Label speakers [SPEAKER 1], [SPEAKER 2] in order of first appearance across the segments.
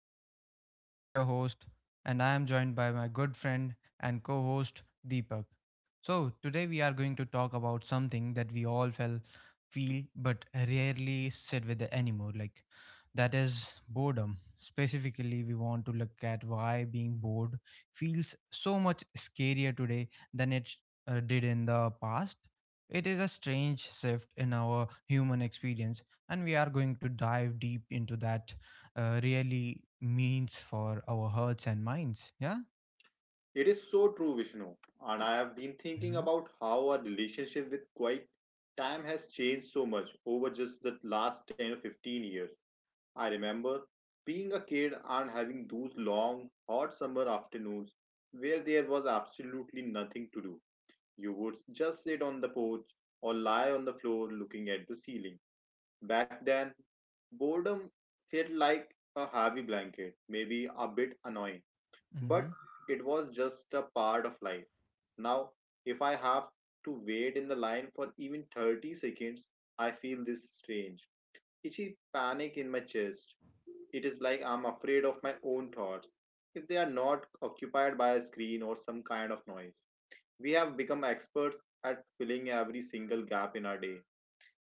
[SPEAKER 1] I am Vishnu, your host, and I am joined by my good friend and co host Deepak. So, today we are going to talk about something that we all feel but rarely sit with anymore, like that is boredom. Specifically, we want to look at why being bored feels so much scarier today than it did in the past. It is a strange shift in our human experience, and we are going to dive deep into that really means for our hearts and minds. Yeah.
[SPEAKER 2] It is so true, Vishnu. And I have been thinking
[SPEAKER 1] Mm-hmm.
[SPEAKER 2] about how our relationship with quiet time has changed so much over just the last 10 or 15 years. I remember being a kid and having those long, hot summer afternoons where there was absolutely nothing to do. You would just sit on the porch or lie on the floor looking at the ceiling. Back then, boredom felt like a heavy blanket, maybe a bit annoying, but
[SPEAKER 1] Mm-hmm.
[SPEAKER 2] it was just a part of life. Now, if I have to wait in the line for even 30 seconds, I feel this strange, itchy panic in my chest. It is like I'm afraid of my own thoughts if they are not occupied by a screen or some kind of noise. We have become experts at filling every single gap in our day.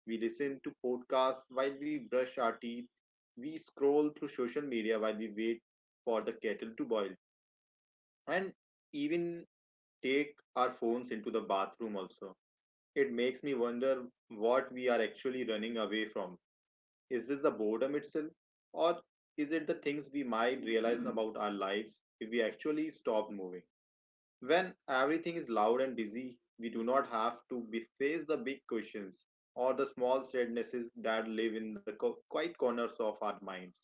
[SPEAKER 2] We listen to podcasts while we brush our teeth. We scroll through social media while we wait for the kettle to boil and even take our phones into the bathroom also. It makes me wonder what we are actually running away from. Is this the boredom itself, or is it the things we might realize about our lives if we actually stop moving? When everything is loud and busy, we do not have to be face the big questions or the small sadnesses that live in the quiet corners of our minds.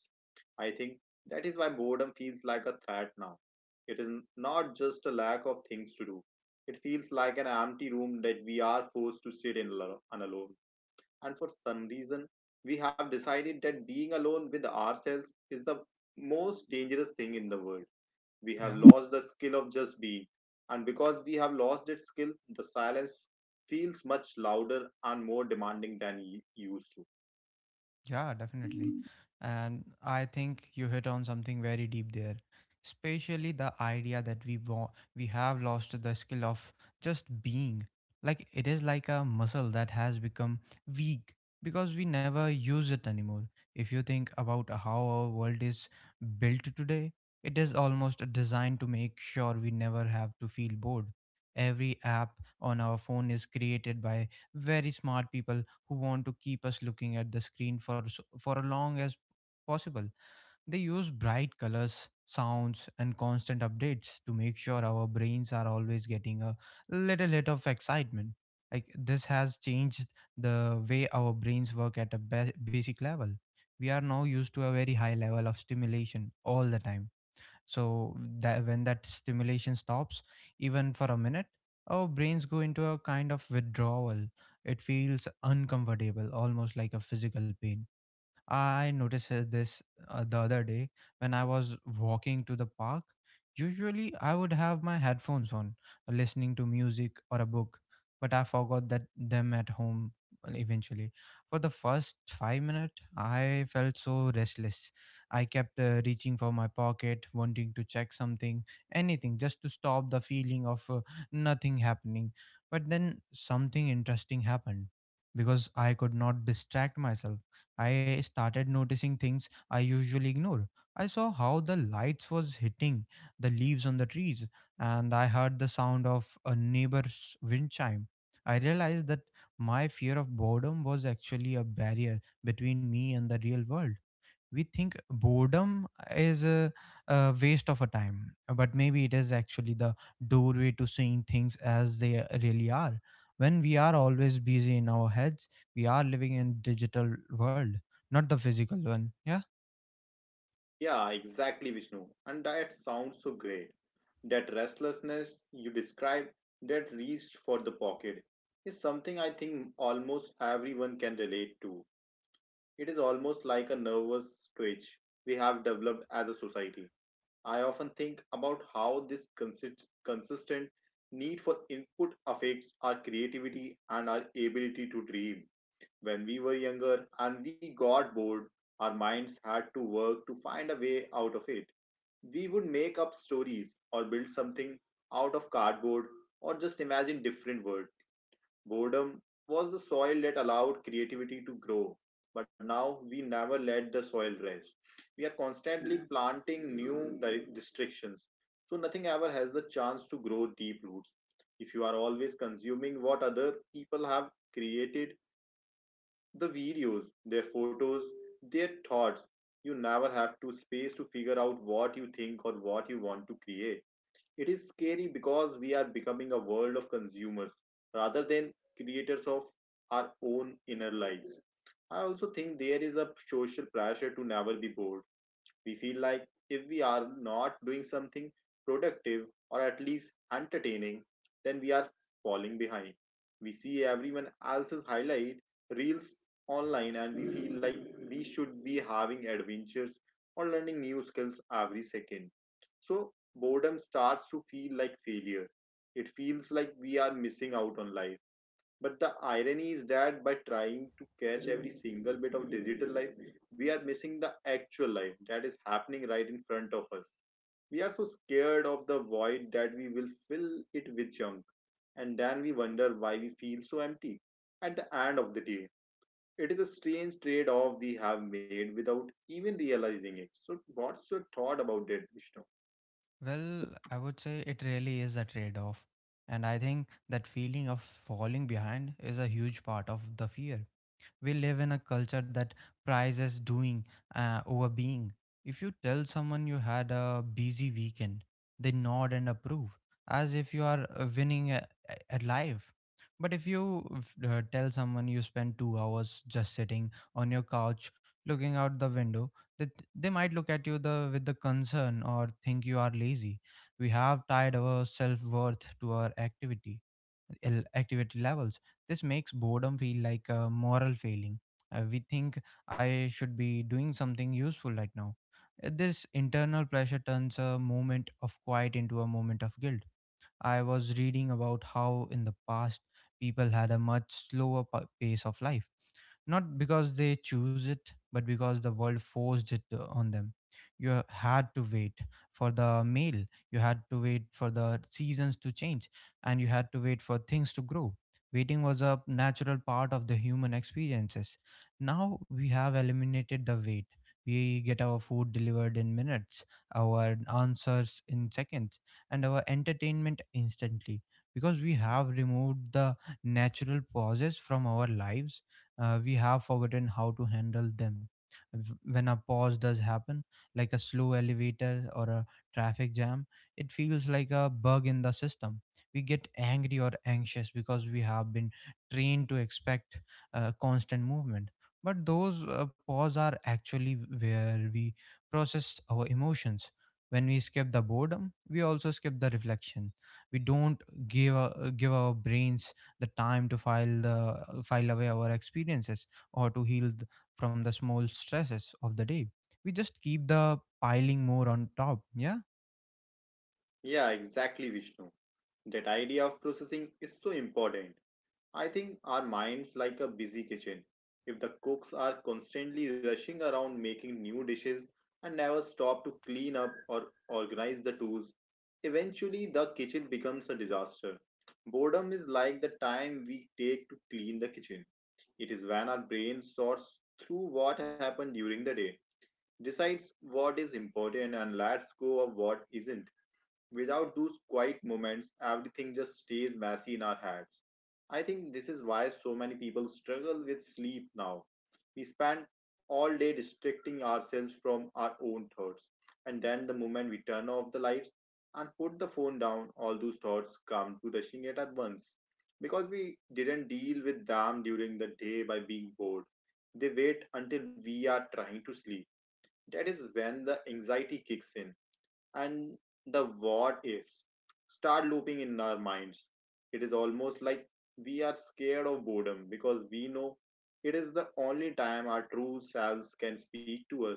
[SPEAKER 2] I think that is why boredom feels like a threat now. It is not just a lack of things to do. It feels like an empty room that we are forced to sit in alo- and alone. And for some reason, we have decided that being alone with ourselves is the most dangerous thing in the world. We have
[SPEAKER 1] Yeah.
[SPEAKER 2] lost the skill of just being. And because we have lost that skill, the silence feels much louder and more demanding than it used to.
[SPEAKER 1] Yeah, definitely. And I think you hit on something very deep there, especially the idea that we have lost the skill of just being. Like it is like a muscle that has become weak because we never use it anymore. If you think about how our world is built today, it is almost designed to make sure we never have to feel bored. Every app on our phone is created by very smart people who want to keep us looking at the screen for as long as possible. They use bright colors, sounds, and constant updates to make sure our brains are always getting a little hit of excitement. Like this has changed the way our brains work at a basic level. We are now used to a very high level of stimulation all the time, so that when that stimulation stops, even for a minute, our brains go into a kind of withdrawal. It feels uncomfortable, almost like a physical pain. I noticed this, the other day when I was walking to the park. Usually, I would have my headphones on, listening to music or a book, but I forgot that them at home eventually. For the first 5 minutes, I felt so restless. I kept reaching for my pocket, wanting to check something, anything just to stop the feeling of nothing happening. But then something interesting happened because I could not distract myself. I started noticing things I usually ignore. I saw how the lights was hitting the leaves on the trees, and I heard the sound of a neighbor's wind chime. I realized that my fear of boredom was actually a barrier between me and the real world. We think boredom is a waste of a time, but maybe it is actually the doorway to seeing things as they really are. When we are always busy in our heads, we are living in digital world, not the physical one. Yeah.
[SPEAKER 2] Yeah, exactly, Vishnu. And that sounds so great. That restlessness you describe, that reach for the pocket, is something I think almost everyone can relate to. It is almost like a nervous twitch we have developed as a society. I often think about how this consistent need for input affects our creativity and our ability to dream. When we were younger and we got bored, our minds had to work to find a way out of it. We would make up stories or build something out of cardboard or just imagine different worlds. Boredom was the soil that allowed creativity to grow, but now we never let the soil rest. We are constantly planting new restrictions, so nothing ever has the chance to grow deep roots. If you are always consuming what other people have created, the videos, their photos, their thoughts. You never have to space to figure out what you think or what you want to create. It is scary because we are becoming a world of consumers rather than creators of our own inner lives. I also think there is a social pressure to never be bored. We feel like if we are not doing something productive or at least entertaining, then we are falling behind. We see everyone else's highlight reels online, and we feel like we should be having adventures or learning new skills every second. So, boredom starts to feel like failure. It feels like we are missing out on life. But the irony is that by trying to catch every single bit of digital life, we are missing the actual life that is happening right in front of us. We are so scared of the void that we will fill it with junk, and then we wonder why we feel so empty. At the end of the day, it is a strange trade off we have made without even realizing it. So, what's your thought about that, Vishnu?
[SPEAKER 1] Well, I would say it really is a trade off, and I think that feeling of falling behind is a huge part of the fear. We live in a culture that prizes doing over being. If you tell someone you had a busy weekend, they nod and approve as if you are winning at life. But if you tell someone you spend 2 hours just sitting on your couch looking out the window, they, they might look at you with the concern or think you are lazy. We have tied our self worth to our activity levels. This makes boredom feel like a moral failing. We think I should be doing something useful right now. This internal pressure turns a moment of quiet into a moment of guilt. I was reading about how in the past people had a much slower pace of life, not because they choose it, but because the world forced it on them. You had to wait for the mail, you had to wait for the seasons to change, and you had to wait for things to grow. Waiting was a natural part of the human experiences. Now we have eliminated the wait. We get our food delivered in minutes, our answers in seconds, and our entertainment instantly because we have removed the natural pauses from our lives. We have forgotten how to handle them. When a pause does happen, like a slow elevator or a traffic jam, it feels like a bug in the system. We get angry or anxious because we have been trained to expect constant movement. But those pause are actually where we process our emotions. When we skip the boredom, we also skip the reflection. We don't give our brains the time to file away our experiences or to heal from the small stresses of the day. We just keep the piling more on top. Yeah.
[SPEAKER 2] Yeah, exactly, Vishnu. That idea of processing is so important. I think our minds like a busy kitchen. If the cooks are constantly rushing around making new dishes and never stop to clean up or organize the tools, eventually the kitchen becomes a disaster. Boredom is like the time we take to clean the kitchen. It is when our brain sorts through what happened during the day, decides what is important and lets go of what isn't. Without those quiet moments, everything just stays messy in our heads. I think this is why so many people struggle with sleep now. We spend all day distracting ourselves from our own thoughts, and then the moment we turn off the lights and put the phone down, all those thoughts come to rushing it at once. Because we didn't deal with them during the day by being bored, they wait until we are trying to sleep. That is when the anxiety kicks in and the what ifs start looping in our minds. It is almost like we are scared of boredom because we know it is the only time our true selves can speak to us,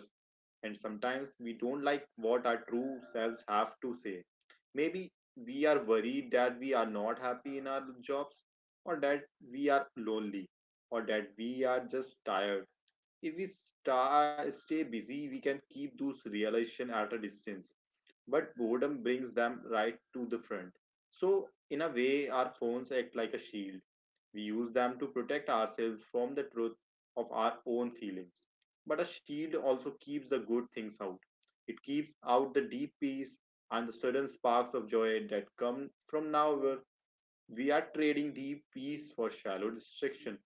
[SPEAKER 2] and sometimes we don't like what our true selves have to say. Maybe we are worried that we are not happy in our jobs, or that we are lonely, or that we are just tired. If we stay busy, we can keep those realization at a distance, but boredom brings them right to the front. So, in a way, our phones act like a shield. We use them to protect ourselves from the truth of our own feelings. But a shield also keeps the good things out. It keeps out the deep peace and the sudden sparks of joy that come from now where we are trading deep peace for shallow distraction.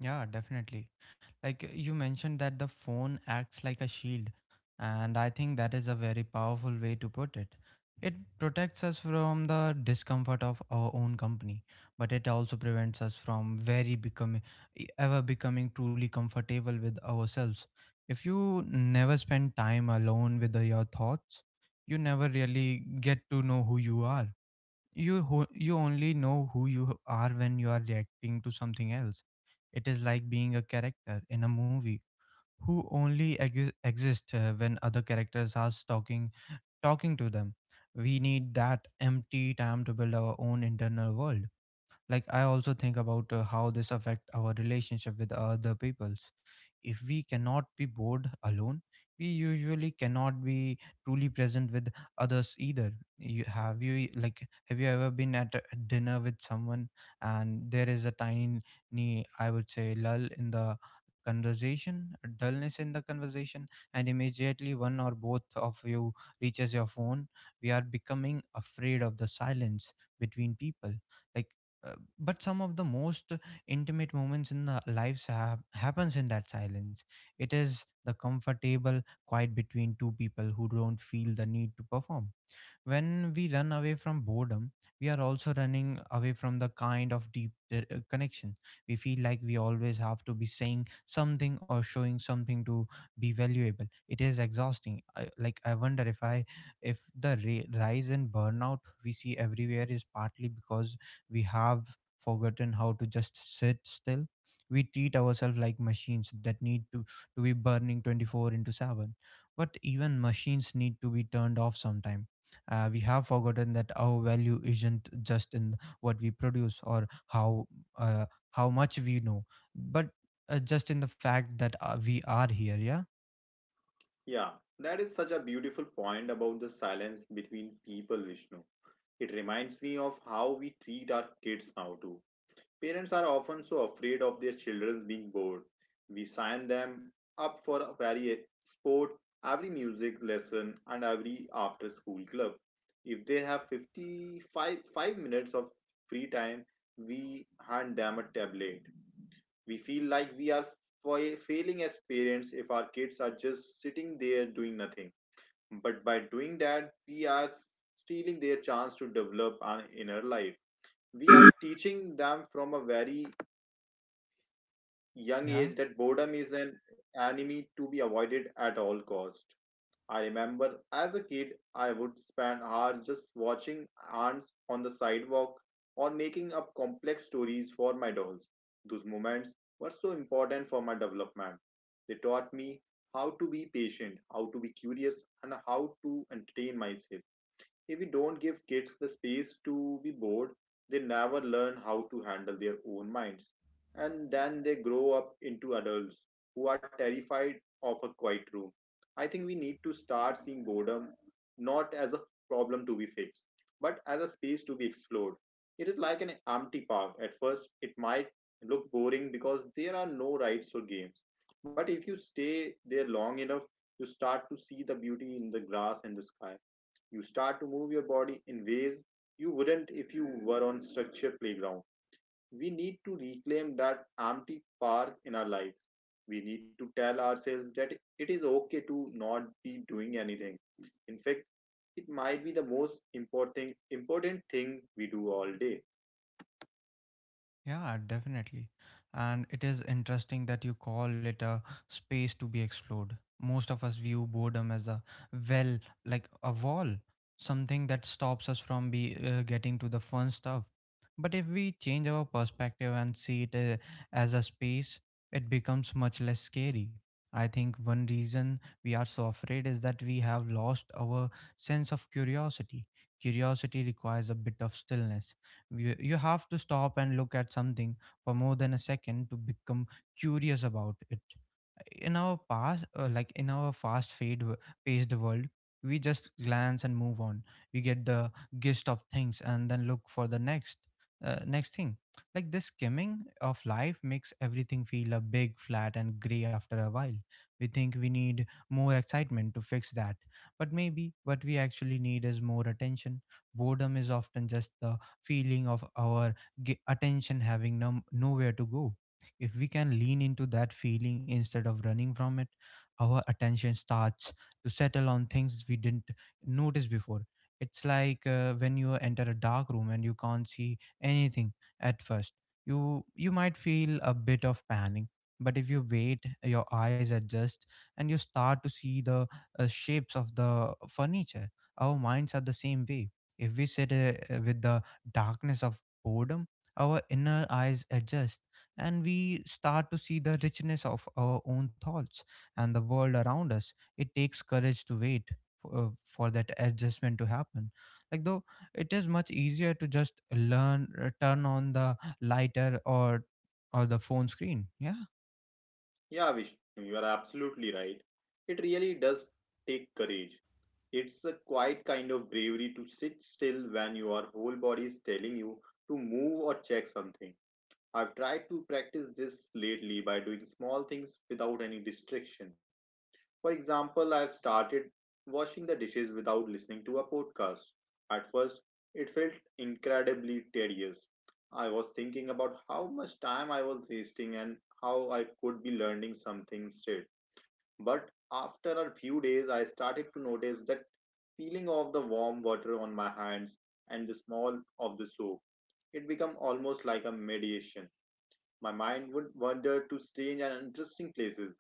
[SPEAKER 1] Yeah, definitely. Like you mentioned that the phone acts like a shield, and I think that is a very powerful way to put it. It protects us from the discomfort of our own company, but it also prevents us from very becoming ever becoming truly comfortable with ourselves. If you never spend time alone with your thoughts, you never really get to know who you are. You only know who you are when you are reacting to something else. It is like being a character in a movie who only exist when other characters are talking to them. We need that empty time to build our own internal world. Like, I also think about how this affect our relationship with other peoples. If we cannot be bored alone, we usually cannot be truly present with others either. You have you like have you ever been at a dinner with someone and there is a tiny, I would say, lull in the conversation, a dullness in the conversation, and immediately one or both of you reaches your phone? We are becoming afraid of the silence between people. Like, uh, but some of the most intimate moments in the lives have happens in that silence. It is the comfortable quiet between two people who don't feel the need to perform. When we run away from boredom, we are also running away from the kind of deep connection. We feel like we always have to be saying something or showing something to be valuable. It is exhausting. Like I wonder if the rise in burnout we see everywhere is partly because we have forgotten how to just sit still. We treat ourselves like machines that need to be burning 24 into 7, but even machines need to be turned off sometime. We have forgotten that our value isn't just in what we produce or uh, how much we know, but just in the fact that we are here. Yeah,
[SPEAKER 2] Yeah, that is such a beautiful point about the silence between people, Vishnu. It reminds me of how we treat our kids now too. Parents are often so afraid of their children being bored. We sign them up for every sport, every music lesson, and every after school club. If they have 55 5 minutes of free time, we hand them a tablet. We feel like we are failing as parents if our kids are just sitting there doing nothing. But by doing that, we are stealing their chance to develop an inner life. We are teaching them from a very young
[SPEAKER 1] yeah.
[SPEAKER 2] age that boredom is an enemy to be avoided at all cost. I remember as a kid I would spend hours just watching ants on the sidewalk or making up complex stories for my dolls. Those moments were so important for my development. They taught me how to be patient, how to be curious and how to entertain myself. If we don't give kids the space to be bored, they never learn how to handle their own minds. And then they grow up into adults who are terrified of a quiet room. I think we need to start seeing boredom not as a problem to be fixed, but as a space to be explored. It is like an empty park. At first, it might look boring because there are no rides or games. But if you stay there long enough, you start to see the beauty in the grass and the sky. You start to move your body in ways you wouldn't if you were on structured playground. We need to reclaim that empty park in our lives. We need to tell ourselves that it is okay to not be doing anything. In fact, it might be the most important thing we do all day.
[SPEAKER 1] Yeah, definitely. And it is interesting that you call it a space to be explored. Most of us view boredom as a, well, like a wall, something that stops us from be getting to the fun stuff. But if we change our perspective and see it as a space, it becomes much less scary. I think one reason we are so afraid is that we have lost our sense of curiosity. Curiosity requires a bit of stillness. You have to stop and look at something for more than a second to become curious about it. In our past, like in our fast paced world, we just glance and move on. We get the gist of things and then look for the next thing. Like this skimming of life makes everything feel a big, flat, and gray after a while. We think we need more excitement to fix that, but maybe what we actually need is more attention. Boredom is often just the feeling of our attention having nowhere to go. If we can lean into that feeling instead of running from it, our attention starts to settle on things we didn't notice before. It's like when you enter a dark room and you can't see anything at first. You might feel a bit of panic, but if you wait, your eyes adjust and you start to see the shapes of the furniture. Our minds are the same way. If we sit with the darkness of boredom, our inner eyes adjust and we start to see the richness of our own thoughts and the world around us. It takes courage to wait for that adjustment to happen. Like, though, it is much easier to just turn on the lighter or the phone screen. Yeah,
[SPEAKER 2] Yeah, Vishnu, you are absolutely right. It really does take courage. It's a quiet kind of bravery to sit still when your whole body is telling you to move or check something. I've tried to practice this lately by doing small things without any distraction. For example, I've started washing the dishes without listening to a podcast. At first, it felt incredibly tedious. I was thinking about how much time I was wasting and how I could be learning something instead. But after a few days, I started to notice that feeling of the warm water on my hands and the smell of the soap. It became almost like a meditation. My mind would wander to strange and interesting places.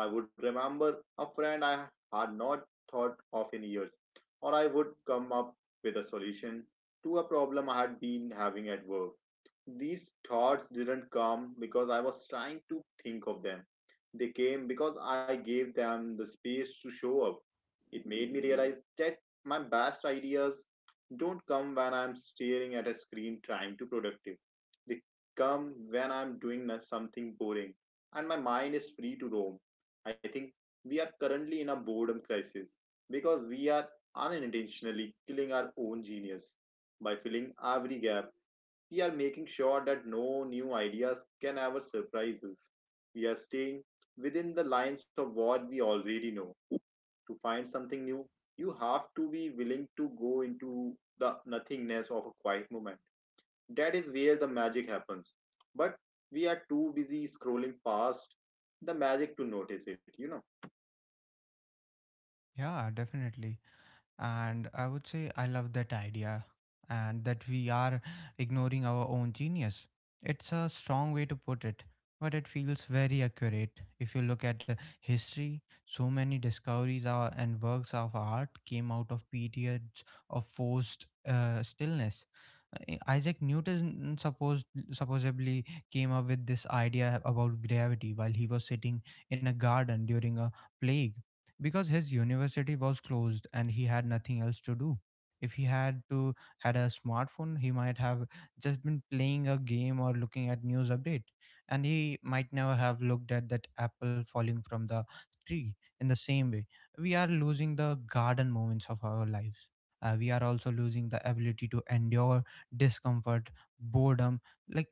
[SPEAKER 2] I would remember a friend I had not thought of in years, or I would come up with a solution to a problem I had been having at work. These thoughts didn't come because I was trying to think of them. They came because I gave them the space to show up. It made me realize that my best ideas don't come when I'm staring at a screen trying to productive. They come when I'm doing something boring and my mind is free to roam. I think we are currently in a boredom crisis because we are unintentionally killing our own genius. By filling every gap, we are making sure that no new ideas can ever surprise us. We are staying within the lines of what we already know. To find something new, you have to be willing to go into the nothingness of a quiet moment. That is where the magic happens. But we are too busy scrolling past the magic to notice it.
[SPEAKER 1] yeah, definitely. And I would say I love that idea and that we are ignoring our own genius. It's a strong way to put it, but it feels very accurate. If you look at history, so many discoveries and works of art came out of periods of forced stillness. Isaac Newton supposedly came up with this idea about gravity while he was sitting in a garden during a plague because his university was closed and he had nothing else to do. If he had to had a smartphone, he might have just been playing a game or looking at news update, and he might never have looked at that apple falling from the tree in the same way. We are losing the garden moments of our lives. We are also losing the ability to endure discomfort, boredom. Like,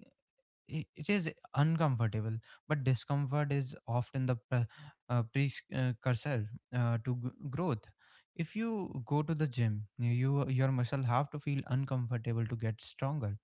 [SPEAKER 1] it is uncomfortable, but discomfort is often the precursor to growth. If you go to the gym, your muscle have to feel uncomfortable to get stronger.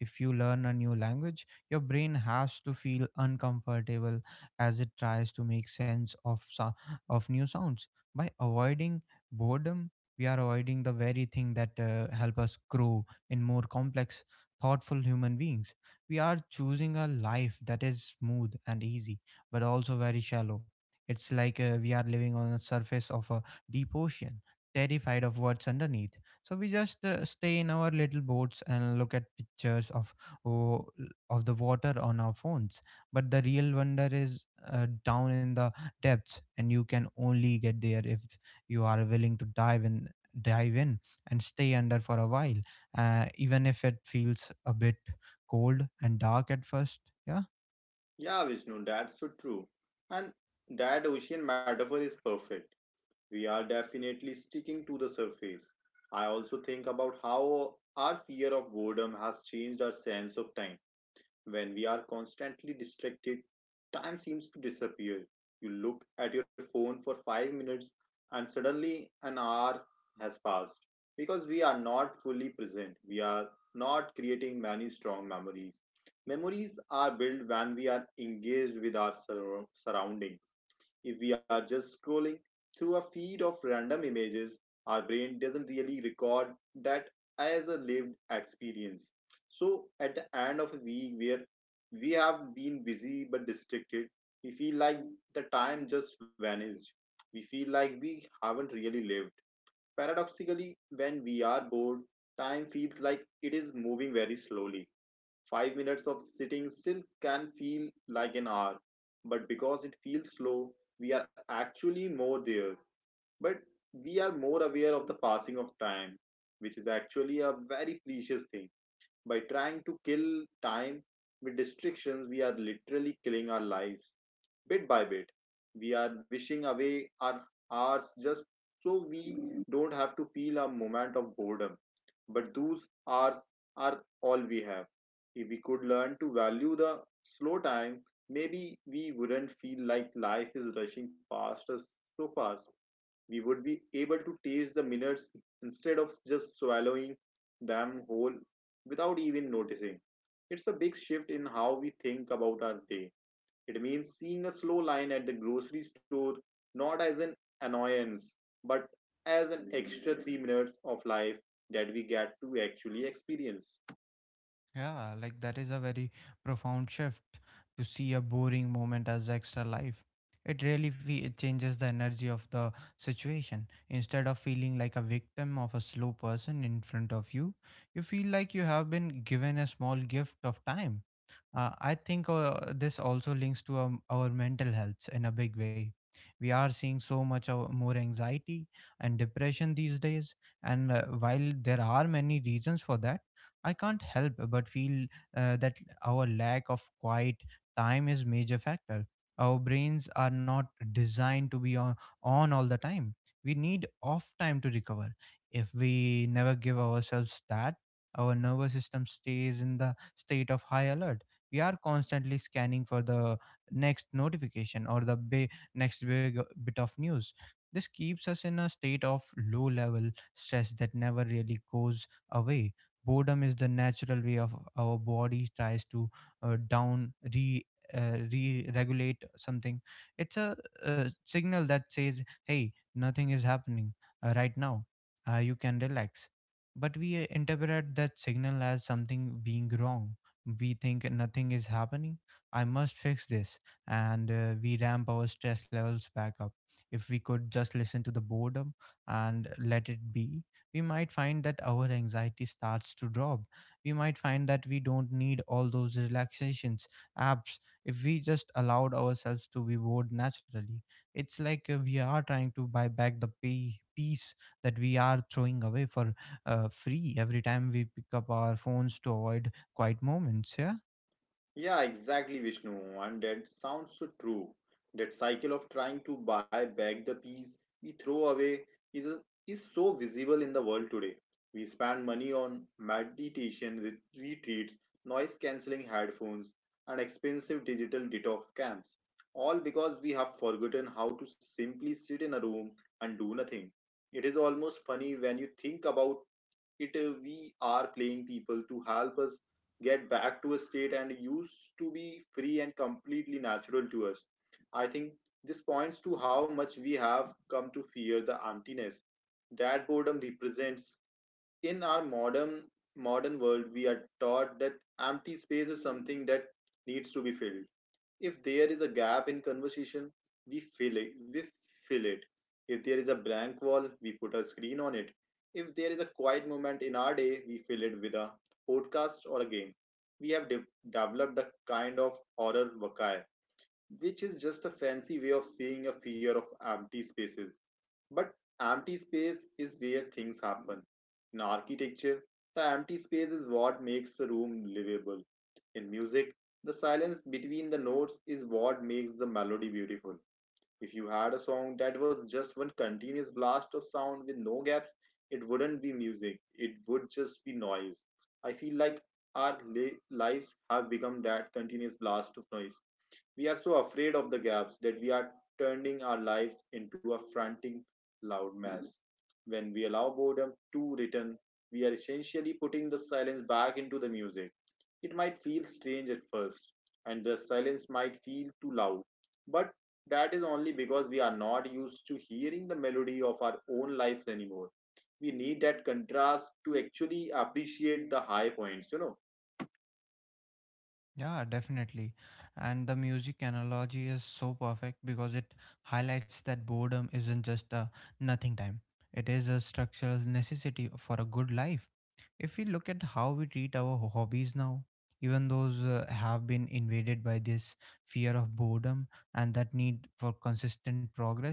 [SPEAKER 1] If you learn a new language, your brain has to feel uncomfortable as it tries to make sense of of new sounds. By avoiding boredom, we are avoiding the very thing that help us grow in more complex, thoughtful human beings. We are choosing a life that is smooth and easy, but also very shallow. It's like we are living on the surface of a deep ocean, terrified of what's underneath. So we just stay in our little boats and look at pictures of oh, of the water on our phones. But the real wonder is down in the depths, and you can only get there if you are willing to dive in, dive in, and stay under for a while, even if it feels a bit cold and dark at first. Yeah.
[SPEAKER 2] Yeah, Vishnu, that's so true. And that ocean metaphor is perfect. We are definitely sticking to the surface. I also think about how our fear of boredom has changed our sense of time. When we are constantly distracted, time seems to disappear. You look at your phone for 5 minutes and suddenly an hour has passed because we are not fully present. We are not creating many strong memories. Memories are built when we are engaged with our surroundings. If we are just scrolling through a feed of random images, our brain doesn't really record that as a lived experience. So, at the end of a week where we have been busy but distracted, we feel like the time just vanished. We feel like we haven't really lived. Paradoxically, when we are bored, time feels like it is moving very slowly. 5 minutes of sitting still can feel like an hour, but because it feels slow, we are actually more there. But we are more aware of the passing of time, which is actually a very precious thing. By trying to kill time with distractions, we are literally killing our lives bit by bit. We are wishing away our hours just so we don't have to feel a moment of boredom. But those hours are all we have. If we could learn to value the slow time, maybe we wouldn't feel like life is rushing past us so fast. We would be able to taste the minutes instead of just swallowing them whole without even noticing. It's a big shift in how we think about our day. It means seeing a slow line at the grocery store not as an annoyance but as an extra 3 minutes of life that we get to actually experience.
[SPEAKER 1] Yeah. Like, that is a very profound shift, to see a boring moment as extra life. It really it changes the energy of the situation. Instead of feeling like a victim of a slow person in front of you, you feel like you have been given a small gift of time. I think this also links to our mental health in a big way. We are seeing so much of more anxiety and depression these days, and while there are many reasons for that, I can't help but feel that our lack of quiet time is major factor. Our brains are not designed to be on all the time. We need off time to recover. If we never give ourselves that, our nervous system stays in the state of high alert. We are constantly scanning for the next notification or the next big bit of news. This keeps us in a state of low level stress that never really goes away. Boredom is the natural way of our body tries to down re re-regulate something. It's a, signal that says, "Hey, nothing is happening right now. You can relax." But we interpret that signal as something being wrong. We think nothing is happening. I must fix this. And we ramp our stress levels back up. If we could just listen to the boredom and let it be, we might find that our anxiety starts to drop. We might find that we don't need all those relaxations apps if we just allowed ourselves to be bored naturally. It's like we are trying to buy back the pay peace that we are throwing away for free every time we pick up our phones to avoid quiet moments. Yeah.
[SPEAKER 2] Yeah, exactly, Vishnu. And that sounds so true. That cycle of trying to buy back the piece we throw away is, is so visible in the world today. We spend money on meditation retreats, noise cancelling headphones, and expensive digital detox camps, all because we have forgotten how to simply sit in a room and do nothing. It is almost funny when you think about it. We are playing people to help us get back to a state and used to be free and completely natural to us. I think this points to how much we have come to fear the emptiness that boredom represents. In our modern world, we are taught that empty space is something that needs to be filled. If there is a gap in conversation, we fill it. We fill it. If there is a blank wall, we put a screen on it. If there is a quiet moment in our day, we fill it with a podcast or a game. We have developed a kind of horror vakai, which is just a fancy way of saying a fear of empty spaces. But empty space is where things happen. In architecture, the empty space is what makes the room livable. In music, the silence between the notes is what makes the melody beautiful. If you had a song that was just one continuous blast of sound with no gaps, it wouldn't be music, it would just be noise. I feel like our lives have become that continuous blast of noise. We are so afraid of the gaps that we are turning our lives into a frantic, loud mess. When we allow boredom to return, we are essentially putting the silence back into the music. It might feel strange at first, and the silence might feel too loud, but that is only because we are not used to hearing the melody of our own lives anymore. We need that contrast to actually appreciate the high points.
[SPEAKER 1] Yeah, definitely. And the music analogy is so perfect because it highlights that boredom isn't just a nothing time, it is a structural necessity for a good life. If we look at how we treat our hobbies now, even those have been invaded by this fear of boredom and that need for consistent progress.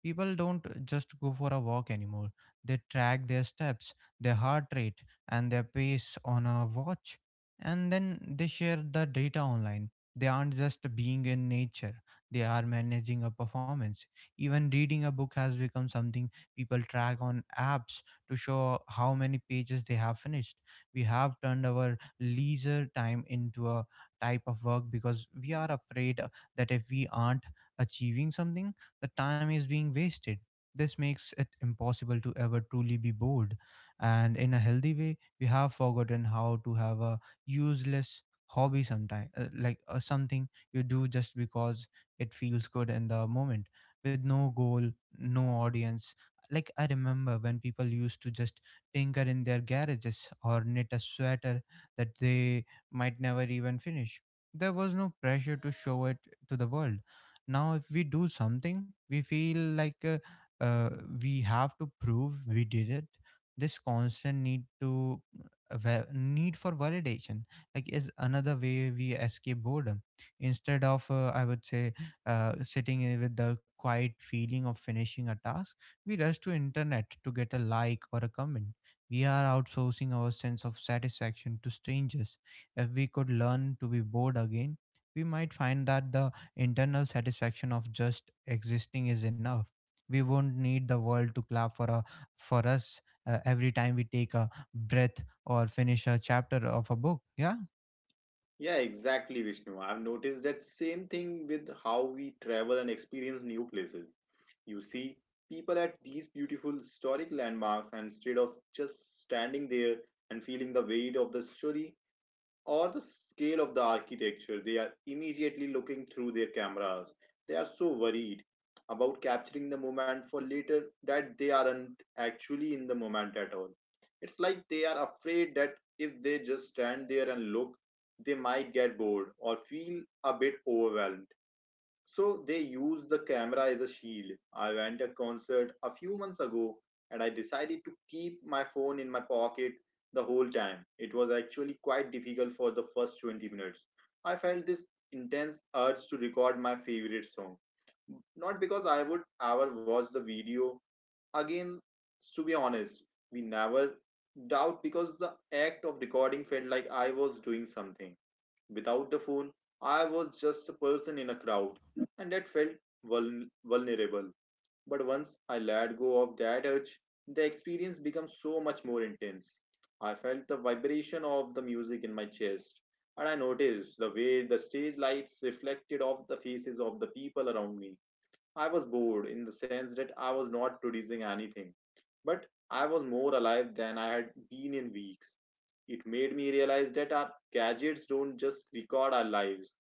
[SPEAKER 1] People don't just go for a walk anymore. They track their steps, their heart rate, and their pace on a watch, and then they share the data online. They aren't just being in nature, they are managing a performance. Even reading a book has become something people track on apps to show how many pages they have finished. We have turned our leisure time into a type of work because we are afraid that if we aren't achieving something, the time is being wasted. This makes it impossible to ever truly be bored. And in a healthy way, we have forgotten how to have a useless hobby sometimes, like something you do just because it feels good in the moment with no goal, no audience. Like, I remember when people used to just tinker in their garages or knit a sweater that they might never even finish. There was no pressure to show it to the world. Now if we do something, we feel like uh, we have to prove we did it. This constant need to need for validation, like, is another way we escape boredom. Instead of I would say sitting in with the quiet feeling of finishing a task, we rush to internet to get a like or a comment. We are outsourcing our sense of satisfaction to strangers. If we could learn to be bored again, we might find that the internal satisfaction of just existing is enough. We won't need the world to clap for a for us every time we take a breath or finish a chapter of a book. Yeah.
[SPEAKER 2] Yeah, exactly, Vishnu. I've noticed that same thing with how we travel and experience new places. You see people at these beautiful historic landmarks, and instead of just standing there and feeling the weight of the story, or the scale of the architecture, they are immediately looking through their cameras. They are so worried about capturing the moment for later that they aren't actually in the moment at all. It's like they are afraid that if they just stand there and look, they might get bored or feel a bit overwhelmed, so they use the camera as a shield. I went to a concert a few months ago and I decided to keep my phone in my pocket the whole time. It was actually quite difficult for the first 20 minutes. I felt this intense urge to record my favorite song. Not because I would ever watch the video again, to be honest, we never doubt because the act of recording felt like I was doing something. Without the phone, I was just a person in a crowd, and that felt vulnerable. But once I let go of that urge, the experience became so much more intense. I felt the vibration of the music in my chest, and I noticed the way the stage lights reflected off the faces of the people around me. I was bored in the sense that I was not producing anything, but I was more alive than I had been in weeks. It made me realize that our gadgets don't just record our lives,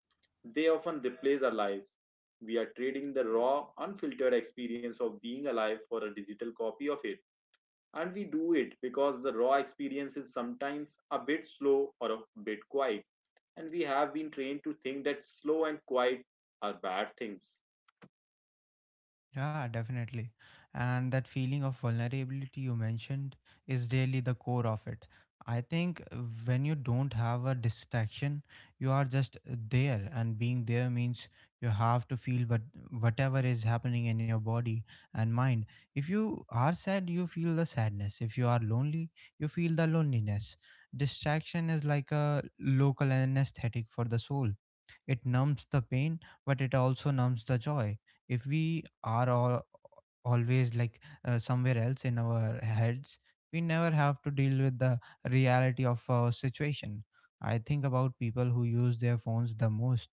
[SPEAKER 2] they often replace our lives. We are trading the raw, unfiltered experience of being alive for a digital copy of it. And we do it because the raw experience is sometimes a bit slow or a bit quiet. And we have been trained to think that slow and quiet are bad things.
[SPEAKER 1] Yeah, definitely. And that feeling of vulnerability you mentioned is really the core of it. I think when you don't have a distraction, you are just there, and being there means you have to feel whatever is happening in your body and mind. If you are sad, you feel the sadness. If you are lonely, you feel the loneliness. Distraction is like a local anesthetic for the soul. It numbs the pain, but it also numbs the joy. If we are all always like somewhere else in our heads, we never have to deal with the reality of our situation. I think about people who use their phones the most,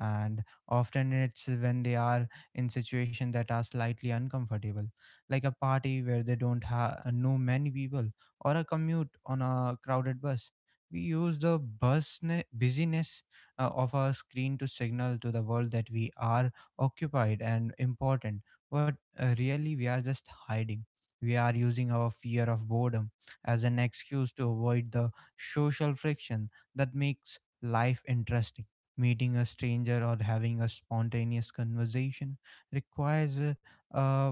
[SPEAKER 1] and often it's when they are in situations that are slightly uncomfortable, like a party where they don't know many people, or a commute on a crowded bus. We use the busyness of our screen to signal to the world that we are occupied and important, but really we are just hiding. We are using our fear of boredom as an excuse to avoid the social friction that makes life interesting. Meeting a stranger or having a spontaneous conversation requires a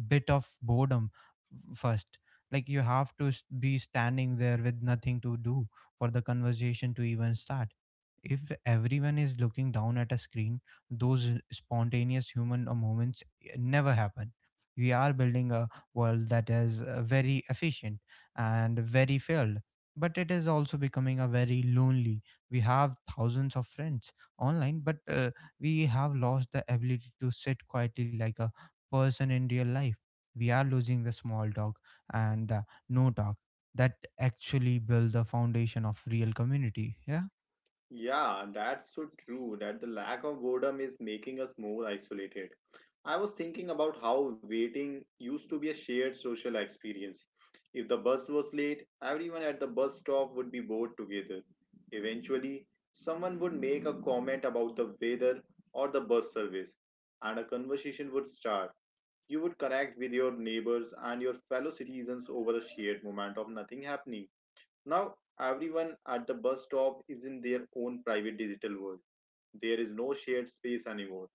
[SPEAKER 1] bit of boredom first. Like, you have to be standing there with nothing to do for the conversation to even start. If everyone is looking down at a screen, those spontaneous human moments never happen. We are building a world that is very efficient and very filled, but it is also becoming a very lonely. We have thousands of friends online, but we have lost the ability to sit quietly like a person in real life. We are losing the small talk and the no talk that actually build the foundation of real community. Yeah.
[SPEAKER 2] Yeah, that's so true that the lack of boredom is making us more isolated. I was thinking about how waiting used to be a shared social experience. If the bus was late, everyone at the bus stop would be bored together. Eventually, someone would make a comment about the weather or the bus service, and a conversation would start. You would connect with your neighbors and your fellow citizens over a shared moment of nothing happening. Now, everyone at the bus stop is in their own private digital world. There is no shared space anymore.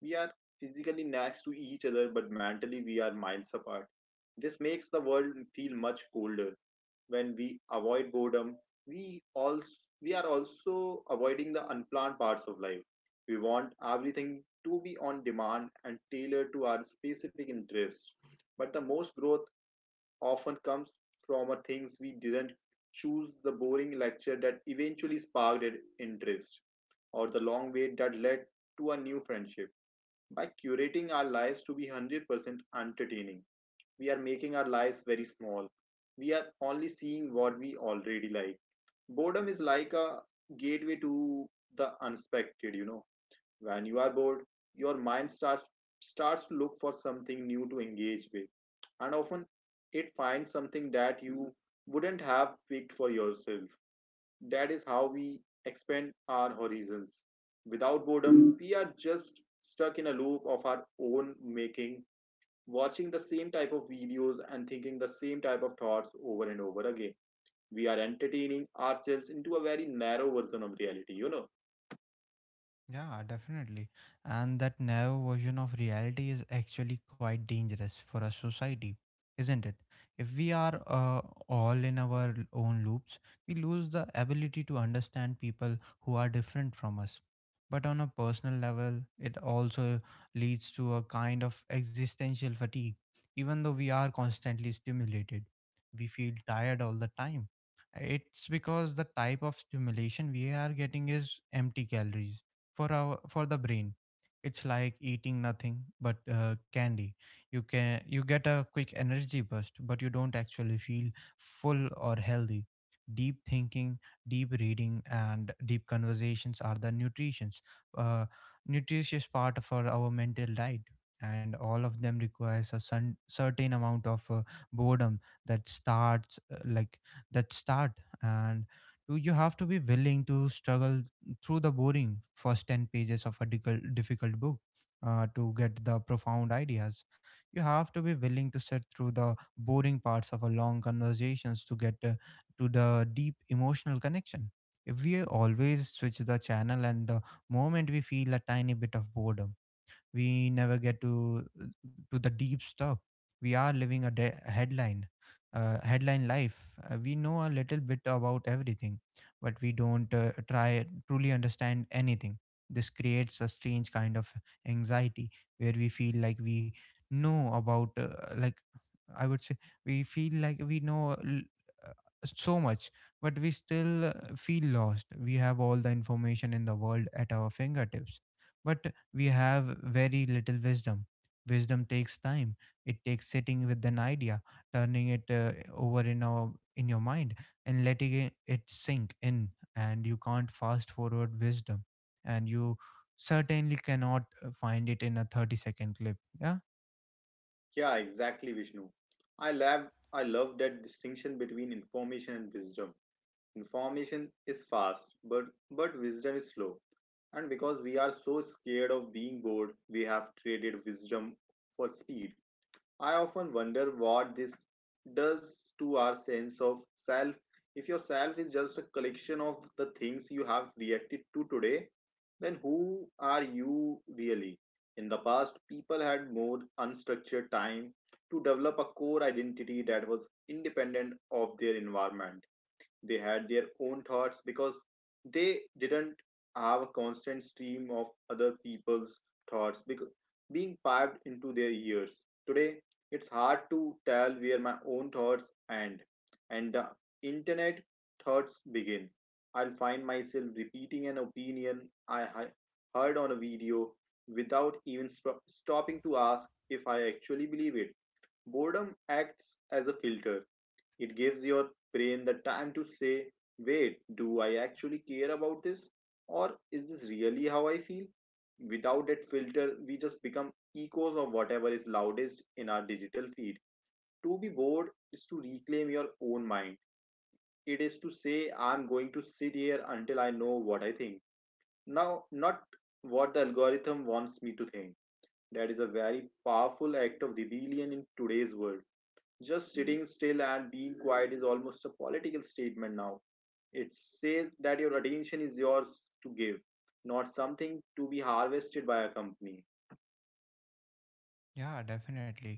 [SPEAKER 2] We are physically next to each other, but mentally we are miles apart. This makes the world feel much colder. When we avoid boredom, we also we are also avoiding the unplanned parts of life. We want everything to be on demand and tailored to our specific interests. But the most growth often comes from a things we didn't choose, the boring lecture that eventually sparked an interest, or the long wait that led to a new friendship. By curating our lives to be 100% entertaining, we are making our lives very small. We are only seeing what we already like. Boredom is like a gateway to the unexpected. When you are bored, your mind starts to look for something new to engage with, and often it finds something that you wouldn't have picked for yourself. That is how we expand our horizons. Without boredom, we are just stuck in a loop of our own making, watching the same type of videos and thinking the same type of thoughts over and over again. We are entertaining ourselves into a very narrow version of reality.
[SPEAKER 1] Yeah, definitely. And that narrow version of reality is actually quite dangerous for a society, isn't it? If we are all in our own loops, we lose the ability to understand people who are different from us. But on a personal level, it also leads to a kind of existential fatigue. Even though we are constantly stimulated, we feel tired all the time. It's because the type of stimulation we are getting is empty calories for the brain. It's like eating nothing but candy. You can you get a quick energy burst, but you don't actually feel full or healthy. Deep thinking, deep reading and deep conversations are the nutritions uh, nutritious part for our mental diet, and all of them requires a sun, certain amount of boredom that starts like that start and do you have to be willing to struggle through the boring first 10 pages of a difficult book to get the profound ideas. You have to be willing to sit through the boring parts of a long conversations to get to the deep emotional connection. If we always switch the channel and the moment we feel a tiny bit of boredom, we never get to the deep stuff. We are living a headline life. We know a little bit about everything, but we don't try truly understand anything. This creates a strange kind of anxiety where we feel like we know about like I would say we feel like we uh, so much, but we still feel lost. We have all the information in the world at our fingertips, but we have very little wisdom. Wisdom takes time. It takes sitting with an idea, turning it over in our in your mind, and letting it sink in. And you can't fast forward wisdom, and you certainly cannot find it in a 30 second clip yeah
[SPEAKER 2] Yeah, exactly, Vishnu. I love I love that distinction between information and wisdom. Information is fast, but wisdom is slow. And because we are so scared of being bored, we have traded wisdom for speed. I often wonder what this does to our sense of self. If your self is just a collection of the things you have reacted to today, then who are you really? In the past, people had more unstructured time to develop a core identity that was independent of their environment. They had their own thoughts because they didn't have a constant stream of other people's thoughts because being piped into their ears. Today, it's hard to tell where my own thoughts end and the internet thoughts begin. I'll find myself repeating an opinion I heard on a video without even stopping to ask if I actually believe it. Boredom acts as a filter. It gives your brain the time to say, wait, do I actually care about this? Or is this really how I feel? Without that filter, we just become echoes of whatever is loudest in our digital feed. To be bored is to reclaim your own mind. It is to say, I'm going to sit here until I know what I think. Now, not what the algorithm wants me to think. That is a very powerful act of rebellion in today's world. Just sitting still and being quiet is almost a political statement now. It says that your attention is yours to give, not something to be harvested by a company.
[SPEAKER 1] Yeah, definitely.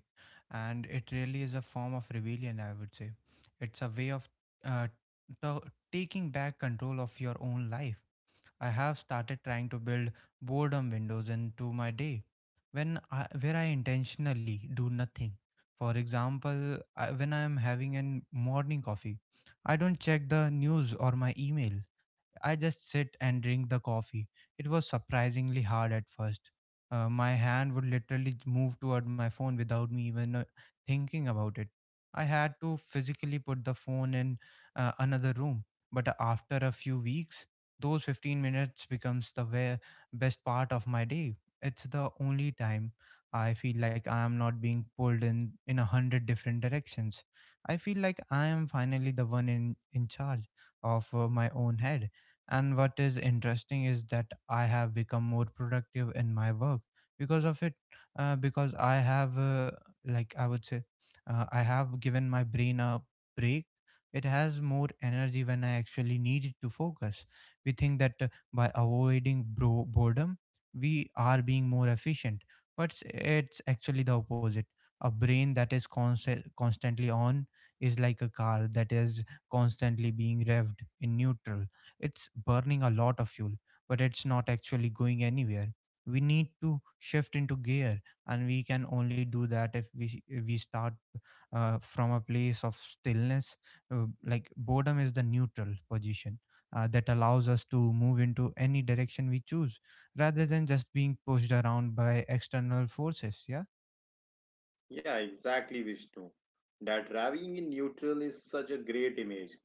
[SPEAKER 1] And it really is a form of rebellion, I would say. It's a way of uh, to- taking back control of your own life. I have started trying to build boredom windows into my day where I intentionally do nothing. For example, when I am having a morning coffee, I don't check the news or my email. I just sit and drink the coffee. It was surprisingly hard at first. My hand would literally move toward my phone without me even thinking about it. I had to physically put the phone in another room. But after a few weeks, those 15 minutes becomes the best part of my day. It's the only time I feel like I am not being pulled in a hundred different directions. I feel like I am finally the one in charge of my own head, and what is interesting is that I have become more productive in my work because of it, because I have, like, I would say, I have given my brain a break. It has more energy when I actually need it to focus. We think that by avoiding boredom, we are being more efficient, but it's actually the opposite. A brain that is constantly on is like a car that is constantly being revved in neutral. It's burning a lot of fuel, but it's not actually going anywhere. We need to shift into gear, and we can only do that if we start from a place of stillness. Like boredom is the neutral position that allows us to move into any direction we choose, rather than just being pushed around by external forces. Yeah.
[SPEAKER 2] Yeah, exactly, Vishnu. That driving in neutral is such a great image.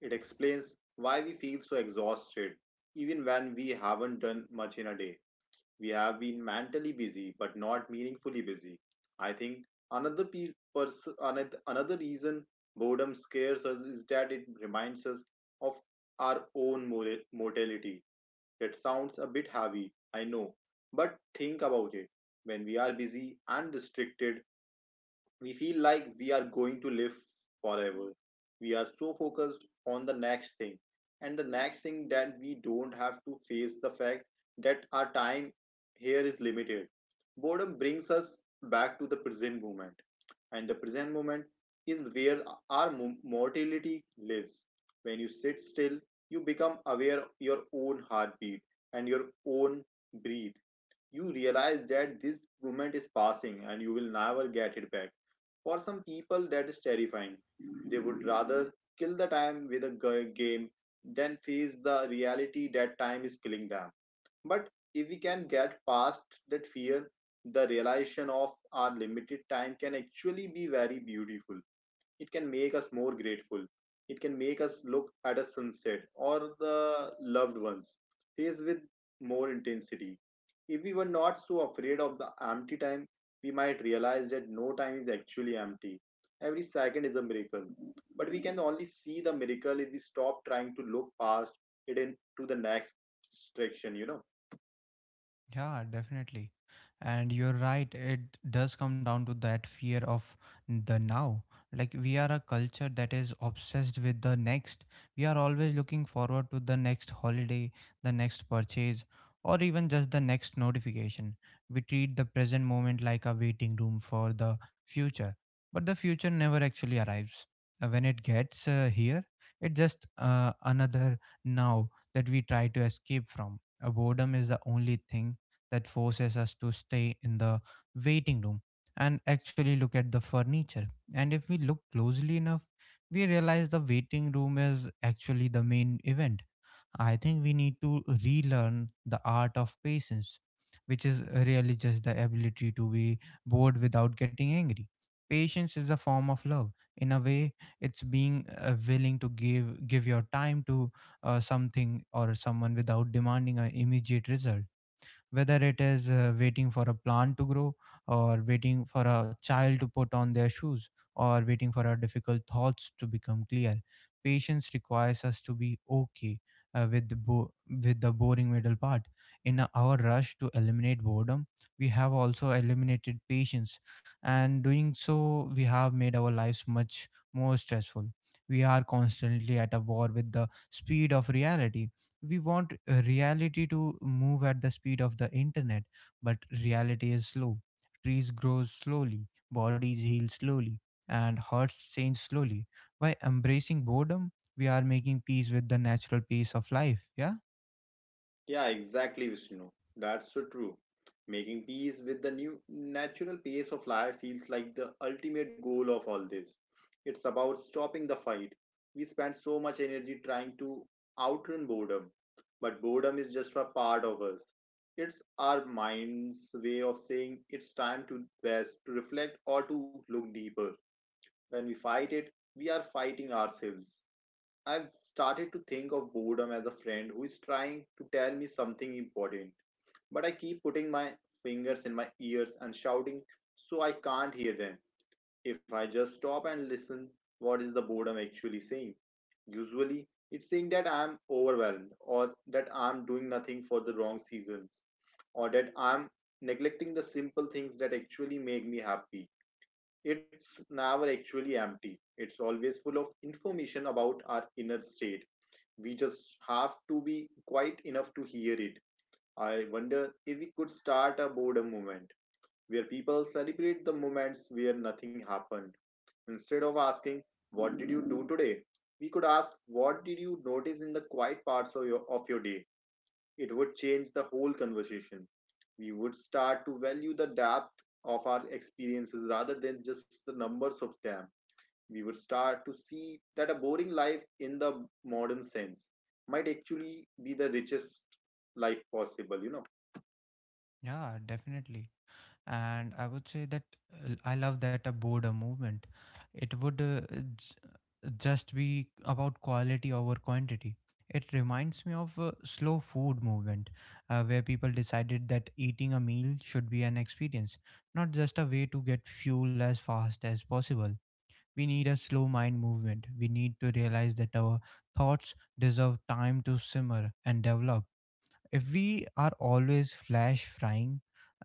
[SPEAKER 2] It explains why we feel so exhausted, even when we haven't done much in a day. We have been mentally busy, but not meaningfully busy. I think another piece, pers- anoth- another reason boredom scares us is that it reminds us of our own mortality. That sounds a bit heavy, I know, but think about it. When we are busy and restricted, we feel like we are going to live forever. We are so focused on the next thing and the next thing that we don't have to face the fact that our time here is limited. Boredom brings us back to the present moment, and the present moment is where our mortality lives. When you sit still, you become aware of your own heartbeat and your own breathe. You realize that this moment is passing and you will never get it back. For some people, that is terrifying. They would rather kill the time with a game than face the reality that time is killing them. But if we can get past that fear, the realization of our limited time can actually be very beautiful. It can make us more grateful. It can make us look at a sunset or the loved ones face with more intensity. If we were not so afraid of the empty time, we might realize that no time is actually empty. Every second is a miracle, but we can only see the miracle if we stop trying to look past it into the next distraction.
[SPEAKER 1] Yeah, definitely. And you're right, it does come down to that fear of the now. Like, we are a culture that is obsessed with the next. We are always looking forward to the next holiday, the next purchase, or even just the next notification. We treat the present moment like a waiting room for the future. But the future never actually arrives. When it gets here, it's just another now that we try to escape from. Boredom is the only thing that forces us to stay in the waiting room and actually look at the furniture. And if we look closely enough, we realize the waiting room is actually the main event. I think we need to relearn the art of patience, which is really just the ability to be bored without getting angry. Patience is a form of love. In a way, it's being willing to give your time to something or someone without demanding an immediate result, whether it is waiting for a plant to grow, or waiting for a child to put on their shoes, or waiting for our difficult thoughts to become clear. Patience requires us to be okay uh, with the bo- with the boring middle part. In our rush to eliminate boredom, we have also eliminated patience, and doing so we have made our lives much more stressful. We are constantly at a war with the speed of reality. We want reality to move at the speed of the internet, but reality is slow. Trees grow slowly, bodies heal slowly, and hearts change slowly. By embracing boredom, we are making peace with the natural pace of life. Yeah.
[SPEAKER 2] Yeah, exactly, Vishnu. That's so true. Making peace with the new natural pace of life feels like the ultimate goal of all this. It's about stopping the fight. We spend so much energy trying to outrun boredom, but boredom is just a part of us. It's our mind's way of saying it's time to rest, to reflect, or to look deeper. When we fight it, we are fighting ourselves. I've started to think of boredom as a friend who is trying to tell me something important, but I keep putting my fingers in my ears and shouting so I can't hear them. If I just stop and listen, what is the boredom actually saying? Usually, it's saying that I'm overwhelmed, or that I'm doing nothing for the wrong seasons, or that I'm neglecting the simple things that actually make me happy. It's never actually empty. It's always full of information about our inner state. We just have to be quiet enough to hear it. I wonder if we could start a boredom movement where people celebrate the moments where nothing happened. Instead of asking, what did you do today? We could ask, what did you notice in the quiet parts of your day? It would change the whole conversation. We would start to value the depth of our experiences rather than just the numbers of them. We would start to see that a boring life in the modern sense might actually be the richest life possible.
[SPEAKER 1] Yeah, definitely. And I would say that, I love that a boredom movement, it would j- just be about quality over quantity. It reminds me of a slow food movement, where people decided that eating a meal should be an experience, not just a way to get fuel as fast as possible. We need a slow mind movement. We need to realize that our thoughts deserve time to simmer and develop. If we are always flash frying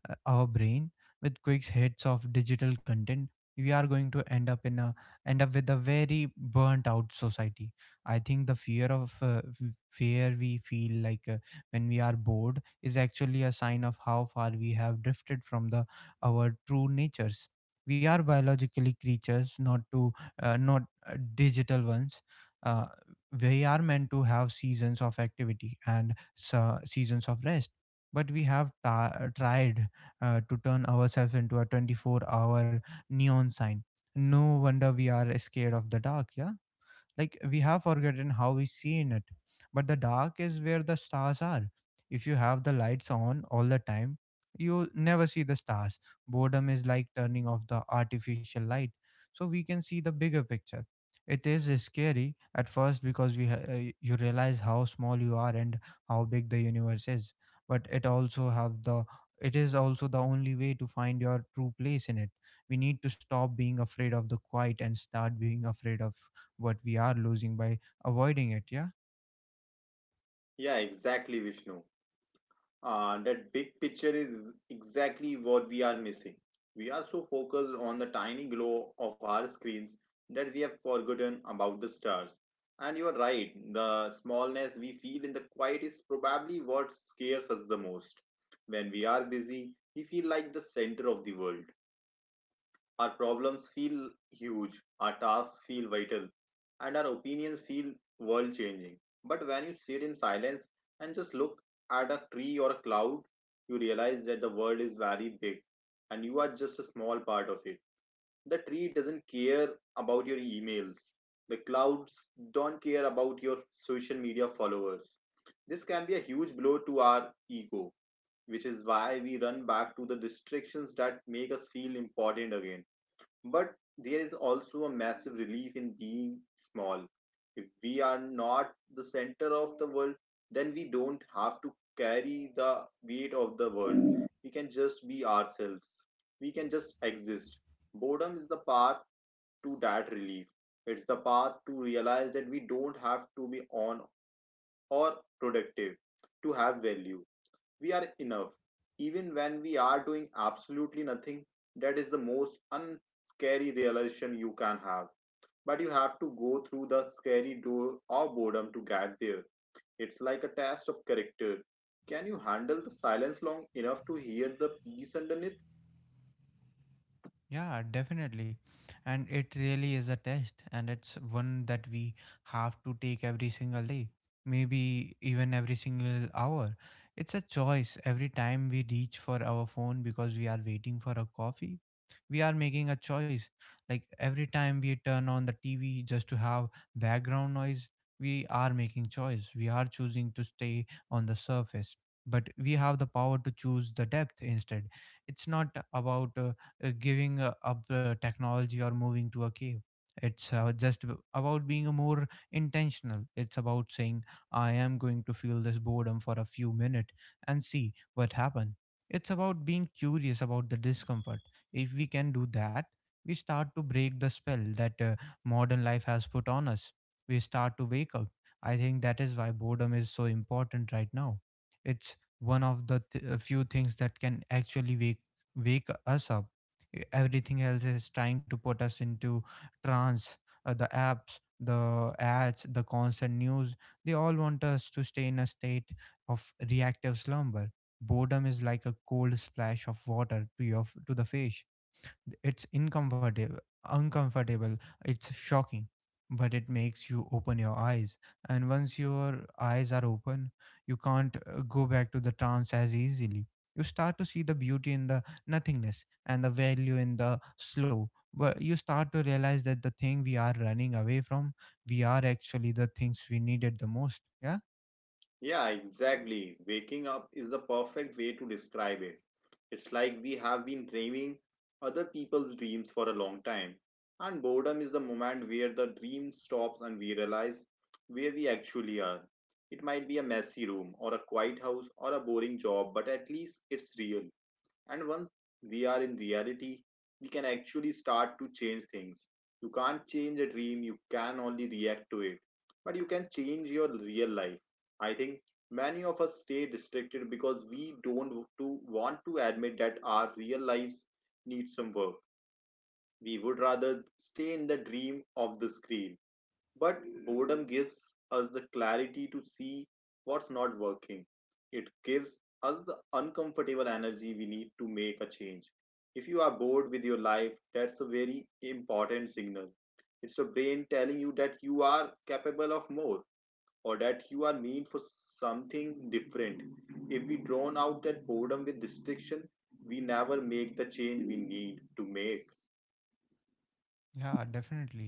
[SPEAKER 1] our brain with quick hits of digital content, we are going to end up with a very burnt out society. I think the fear we feel when we are bored is actually a sign of how far we have drifted from the our true natures. We are biologically creatures, not digital ones. Uh, we are meant to have seasons of activity and seasons of rest. But we have tried to turn ourselves into a 24-hour neon sign. No wonder we are scared of the dark, yeah? Like we have forgotten how we see in it. But the dark is where the stars are. If you have the lights on all the time, you never see the stars. Boredom is like turning off the artificial light so we can see the bigger picture. It is scary at first because you realize how small you are and how big the universe is. But it is also the only way to find your true place in it. We need to stop being afraid of the quiet and start being afraid of what we are losing by avoiding it. Yeah.
[SPEAKER 2] Yeah, exactly, Vishnu. That big picture is exactly what we are missing. We are so focused on the tiny glow of our screens that we have forgotten about the stars. And you are right, the smallness we feel in the quiet is probably what scares us the most. When we are busy, we feel like the center of the world. Our problems feel huge, our tasks feel vital, and our opinions feel world changing. But when you sit in silence and just look at a tree or a cloud, you realize that the world is very big and you are just a small part of it. The tree doesn't care about your emails, the clouds don't care about your social media followers. This can be a huge blow to our ego, which is why we run back to the distractions that make us feel important again. But there is also a massive relief in being small. If we are not the center of the world, then we don't have to carry the weight of the world. We can just be ourselves. We can just exist. Boredom is the path to that relief. It's the path to realize that we don't have to be on or productive to have value. We are enough even when we are doing absolutely nothing. That is the most unscary realization you can have, but you have to go through the scary door of boredom to get there. It's like a test of character. Can you handle the silence long enough to hear the peace underneath?
[SPEAKER 1] Yeah, definitely. And it really is a test, and it's one that we have to take every single day, maybe even every single hour. It's a choice every time we reach for our phone because we are waiting for a coffee. We are making a choice. Like every time we turn on the TV just to have background noise, we are making choice. We are choosing to stay on the surface, but we have the power to choose the depth instead. It's not about giving up technology or moving to a cave. It's about being a more intentional. It's about saying, I am going to feel this boredom for a few minutes and see what happens. It's about being curious about the discomfort. If we can do that, we start to break the spell that modern life has put on us. We start to wake up. I think that is why boredom is so important right now. It's one of the few things that can actually wake us up. Everything else is trying to put us into trance. The apps, the ads, the constant news, they all want us to stay in a state of reactive slumber. Boredom is like a cold splash of water to your to the face. It's uncomfortable. It's shocking, but it makes you open your eyes. And once your eyes are open, you can't go back to the trance as easily. You start to see the beauty in the nothingness and the value in the slow. But you start to realize that the thing we are running away from, we are actually the things we needed the most. Yeah.
[SPEAKER 2] Yeah, exactly. Waking up is the perfect way to describe it. It's like we have been dreaming other people's dreams for a long time. And boredom is the moment where the dream stops and we realize where we actually are. It might be a messy room, or a quiet house, or a boring job, but at least it's real. And once we are in reality, we can actually start to change things. You can't change a dream, you can only react to it. But you can change your real life. I think many of us stay distracted because we don't to want to admit that our real lives need some work. We would rather stay in the dream of the screen. But boredom gives us the clarity to see what's not working. It gives us the uncomfortable energy we need to make a change. If you are bored with your life, that's a very important signal. It's your brain telling you that you are capable of more or that you are meant for something different. If we drown out that boredom with restriction, we never make the change we need to make.
[SPEAKER 1] Yeah, definitely.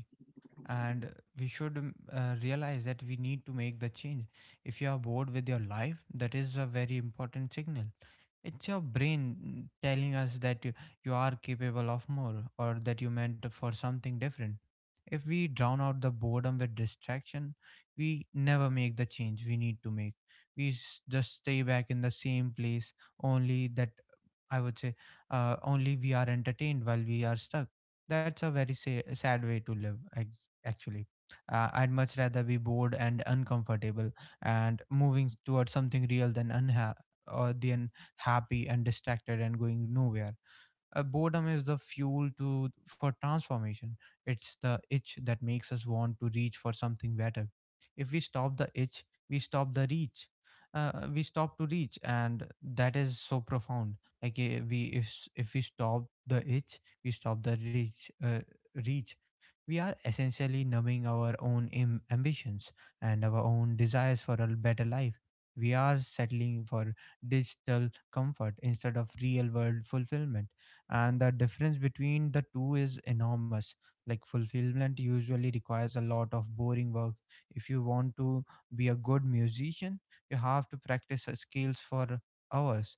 [SPEAKER 1] And we should realize that we need to make the change. If you are bored with your life, that is a very important signal. It's your brain telling us that you are capable of more, or that you meant for something different. If we drown out the boredom with distraction, we never make the change we need to make. We just stay back in the same place, only that, I would say, only we are entertained while we are stuck. That's a very sad way to live, actually. I'd much rather be bored and uncomfortable and moving towards something real than unha- or than happy and distracted and going nowhere. Boredom is the fuel to for transformation. It's the itch that makes us want to reach for something better. If we stop the itch, we stop the reach. We stop to reach, and that is so profound. If if we stop the itch, we stop the reach. We are essentially numbing our own ambitions and our own desires for a better life. We are settling for digital comfort instead of real world fulfillment, and the difference between the two is enormous. Like, fulfillment usually requires a lot of boring work. If you want to be a good musician, you have to practice skills for hours.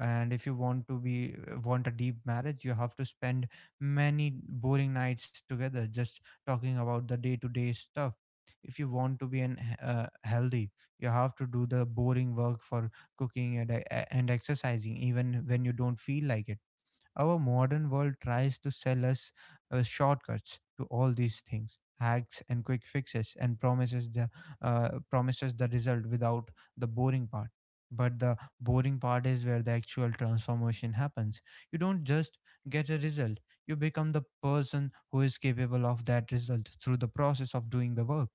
[SPEAKER 1] And if you want to be want a deep marriage, you have to spend many boring nights together just talking about the day to day stuff. If you want to be an healthy, you have to do the boring work for cooking and and exercising even when you don't feel like it. Our modern world tries to sell us shortcuts to all these things, hacks and quick fixes, and promises the result without the boring part. But the boring part is where the actual transformation happens. You don't just get a result; you become the person who is capable of that result through the process of doing the work.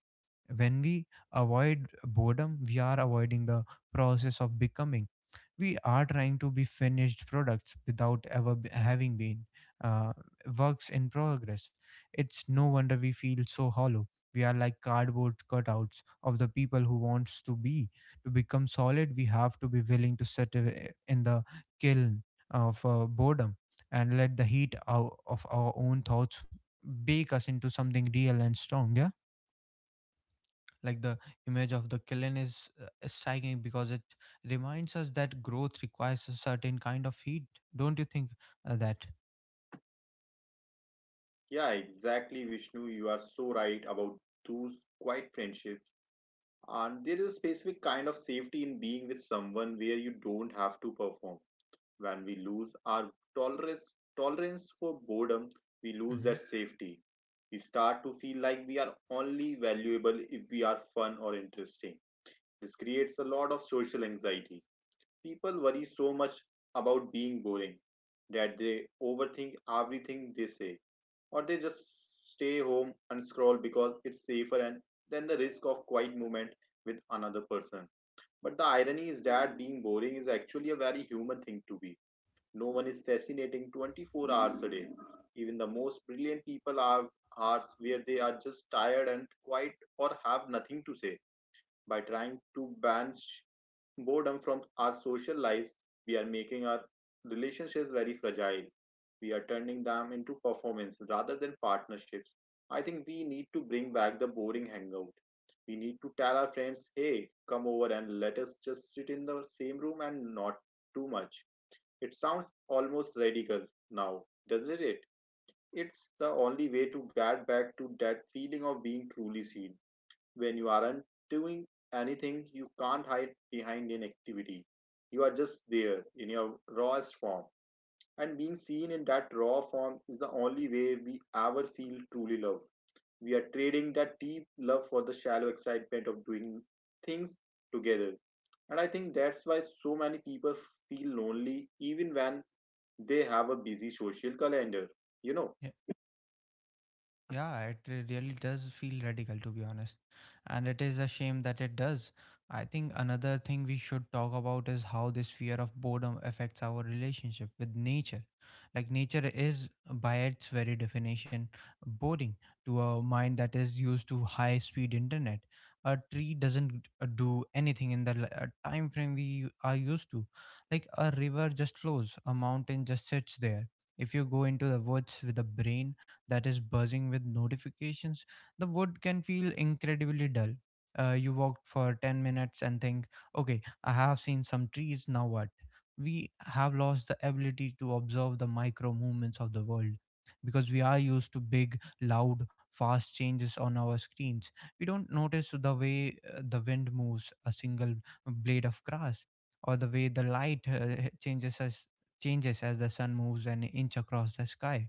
[SPEAKER 1] When we avoid boredom, we are avoiding the process of becoming. We are trying to be finished products without ever having been uh, works in progress. It's no wonder we feel so hollow. We are like cardboard cutouts of the people who wants to be. To become solid, we have to be willing to sit in the kiln of boredom, and let the heat out of our own thoughts bake us into something real and strong. Yeah, like the image of the kiln is striking, because it reminds us that growth requires a certain kind of heat, don't you think? That
[SPEAKER 2] Yeah, exactly, Vishnu. You are so right about those quiet friendships. And there is a specific kind of safety in being with someone where you don't have to perform. When we lose our tolerance tolerance for boredom, we lose
[SPEAKER 1] Hmm.
[SPEAKER 2] that safety. We start to feel like we are only valuable if we are fun or interesting. This creates a lot of social anxiety. People worry so much about being boring that they overthink everything they say or they just stay home and scroll because it's safer and then the risk of quiet movement with another person. But the irony is that being boring is actually a very human thing to be. No one is fascinating 24 hours a day. Even the most brilliant people have hours where they are just tired and quiet or have nothing to say. By trying to ban boredom from our social lives, we are making our relationships very fragile. We are turning them into performance rather than partnerships. I think we need to bring back the boring hangout. We need to tell our friends, hey, come over and let us just sit in the same room and not too much. It sounds almost radical now, doesn't it? It's the only way to get back to that feeling of being truly seen. When you aren't doing anything, you can't hide behind inactivity. You are just there in your rawest form. And being seen in that raw form is the only way we ever feel truly loved. We are trading that deep love for the shallow excitement of doing things together. And I think that's why so many people feel lonely even when they have a busy social calendar. You know,
[SPEAKER 1] Yeah, it really does feel radical, to be honest. And it is a shame that it does. I think another thing we should talk about is how this fear of boredom affects our relationship with nature. Like, nature is, by its very definition, boring to a mind that is used to high speed internet. A tree doesn't do anything in the time frame we are used to. Like, a river just flows, a mountain just sits there. If you go into the woods with a brain that is buzzing with notifications, the wood can feel incredibly dull. You walk for 10 minutes and think, okay, I have seen some trees, now what? We have lost the ability to observe the micro movements of the world because we are used to big, loud, fast changes on our screens. We don't notice the way the wind moves a single blade of grass, or the way the light changes as the sun moves an inch across the sky.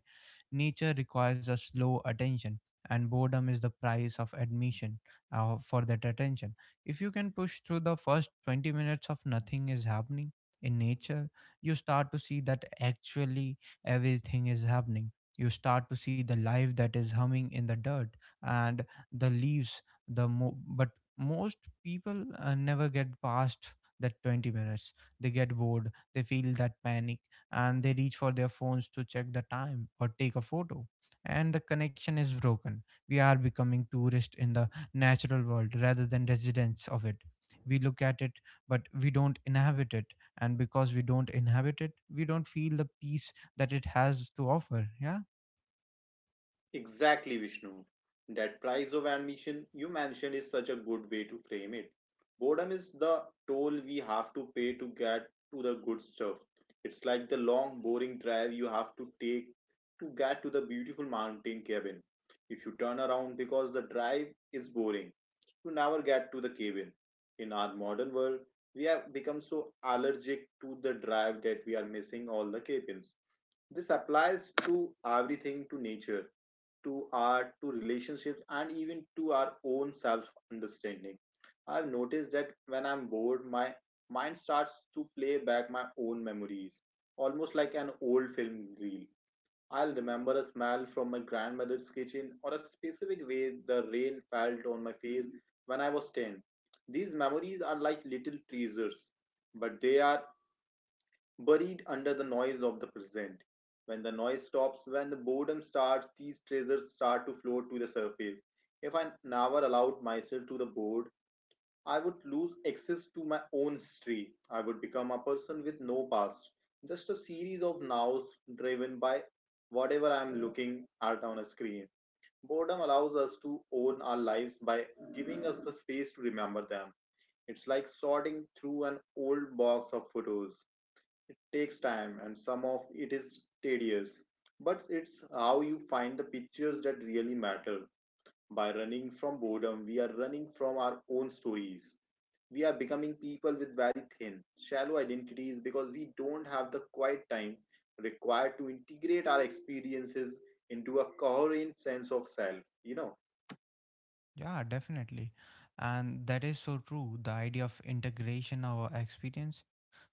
[SPEAKER 1] Nature requires a slow attention, and boredom is the price of admission for that attention. If you can push through the first 20 minutes of nothing is happening in nature, you start to see that actually everything is happening. You start to see the life that is humming in the dirt and the leaves. But most people never get past that 20 minutes. They get bored. They feel that panic, and they reach for their phones to check the time or take a photo, and the connection is broken. We are becoming tourists in the natural world rather than residents of it. We look at it, but we don't inhabit it. And because we don't inhabit it, we don't feel the peace that it has to offer. Yeah,
[SPEAKER 2] Exactly, Vishnu. That price of admission you mentioned is such a good way to frame it. Boredom is the toll we have to pay to get to the good stuff. It's like the long, boring drive you have to take to get to the beautiful mountain cabin. If you turn around because the drive is boring, you never get to the cabin. In our modern world, we have become so allergic to the drive that we are missing all the cabins. This applies to everything to nature to art, to relationships, and even to our own self understanding. I've noticed that when I'm bored, my mind starts to play back my own memories, almost like an old film reel. I'll remember a smell from my grandmother's kitchen or a specific way the rain felt on my face when I was 10. These memories are like little treasures, but they are buried under the noise of the present. When the noise stops, when the boredom starts, these treasures start to float to the surface. If I never allowed myself to the board, I would lose access to my own history. I would become a person with no past, just a series of nows driven by whatever I am looking at on a screen. Boredom allows us to own our lives by giving us the space to remember them. It's like sorting through an old box of photos. It takes time and some of it is tedious, but it's how you find the pictures that really matter. By running from boredom, we are running from our own stories. We are becoming people with very thin, shallow identities because we don't have the quiet time required to integrate our experiences into a coherent sense of self.
[SPEAKER 1] yeah, definitely. And that is so true, the idea of integration our experience.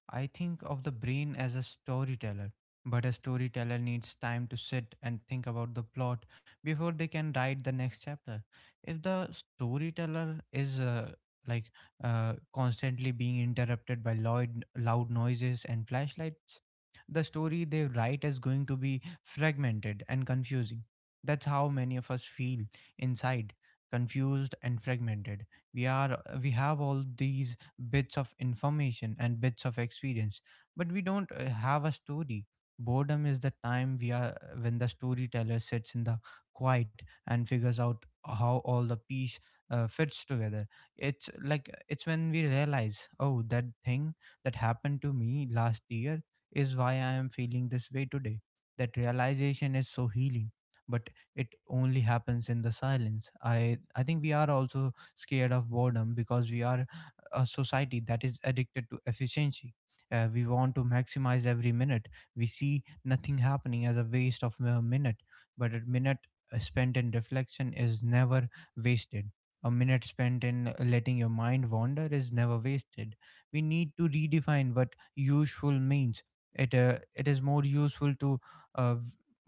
[SPEAKER 1] I think of the brain as a storyteller, but a storyteller needs time to sit and think about the plot before they can write the next chapter. If the storyteller is like constantly being interrupted by loud, loud noises and flashlights, the story they write is going to be fragmented and confusing. That's how many of us feel inside, confused and fragmented. We have all these bits of information and bits of experience, but we don't have a story. Boredom is the time we are when the storyteller sits in the quiet and figures out how all the piece fits together. It's like it's when we realize, oh, that thing that happened to me last year is why I am feeling this way today. That realization is so healing, but it only happens in the silence. I think we are also scared of boredom because we are a society that is addicted to efficiency. We want to maximize every minute. We see nothing happening as a waste of a minute, but a minute spent in reflection is never wasted. A minute spent in letting your mind wander is never wasted. We need to redefine what useful means. It it is more useful to uh, v-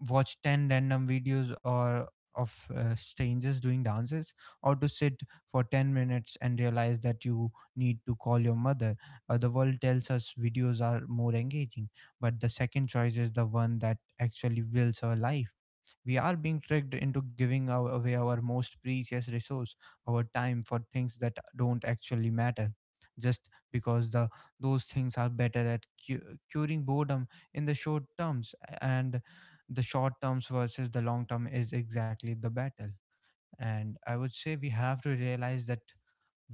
[SPEAKER 1] watch 10 random videos or of strangers doing dances, or to sit for 10 minutes and realize that you need to call your mother. The world tells us videos are more engaging, but the second choice is the one that actually builds our life. We are being tricked into giving away our most precious resource, our time, for things that don't actually matter, just because the those things are better at curing boredom in the short terms. And the short terms versus the long term is exactly the battle. And I would say we have to realize that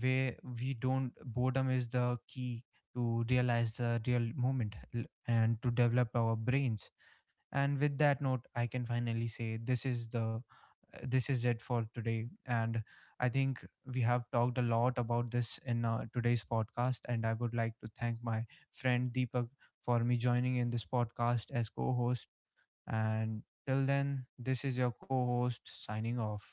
[SPEAKER 1] where we don't, boredom is the key to realize the real moment and to develop our brains. And with that note, I can finally say, this is the this is it for today. And I think we have talked a lot about this in today's podcast, and I would like to thank my friend Deepak for me joining in this podcast as co-host. And till then, this is your co-host signing off.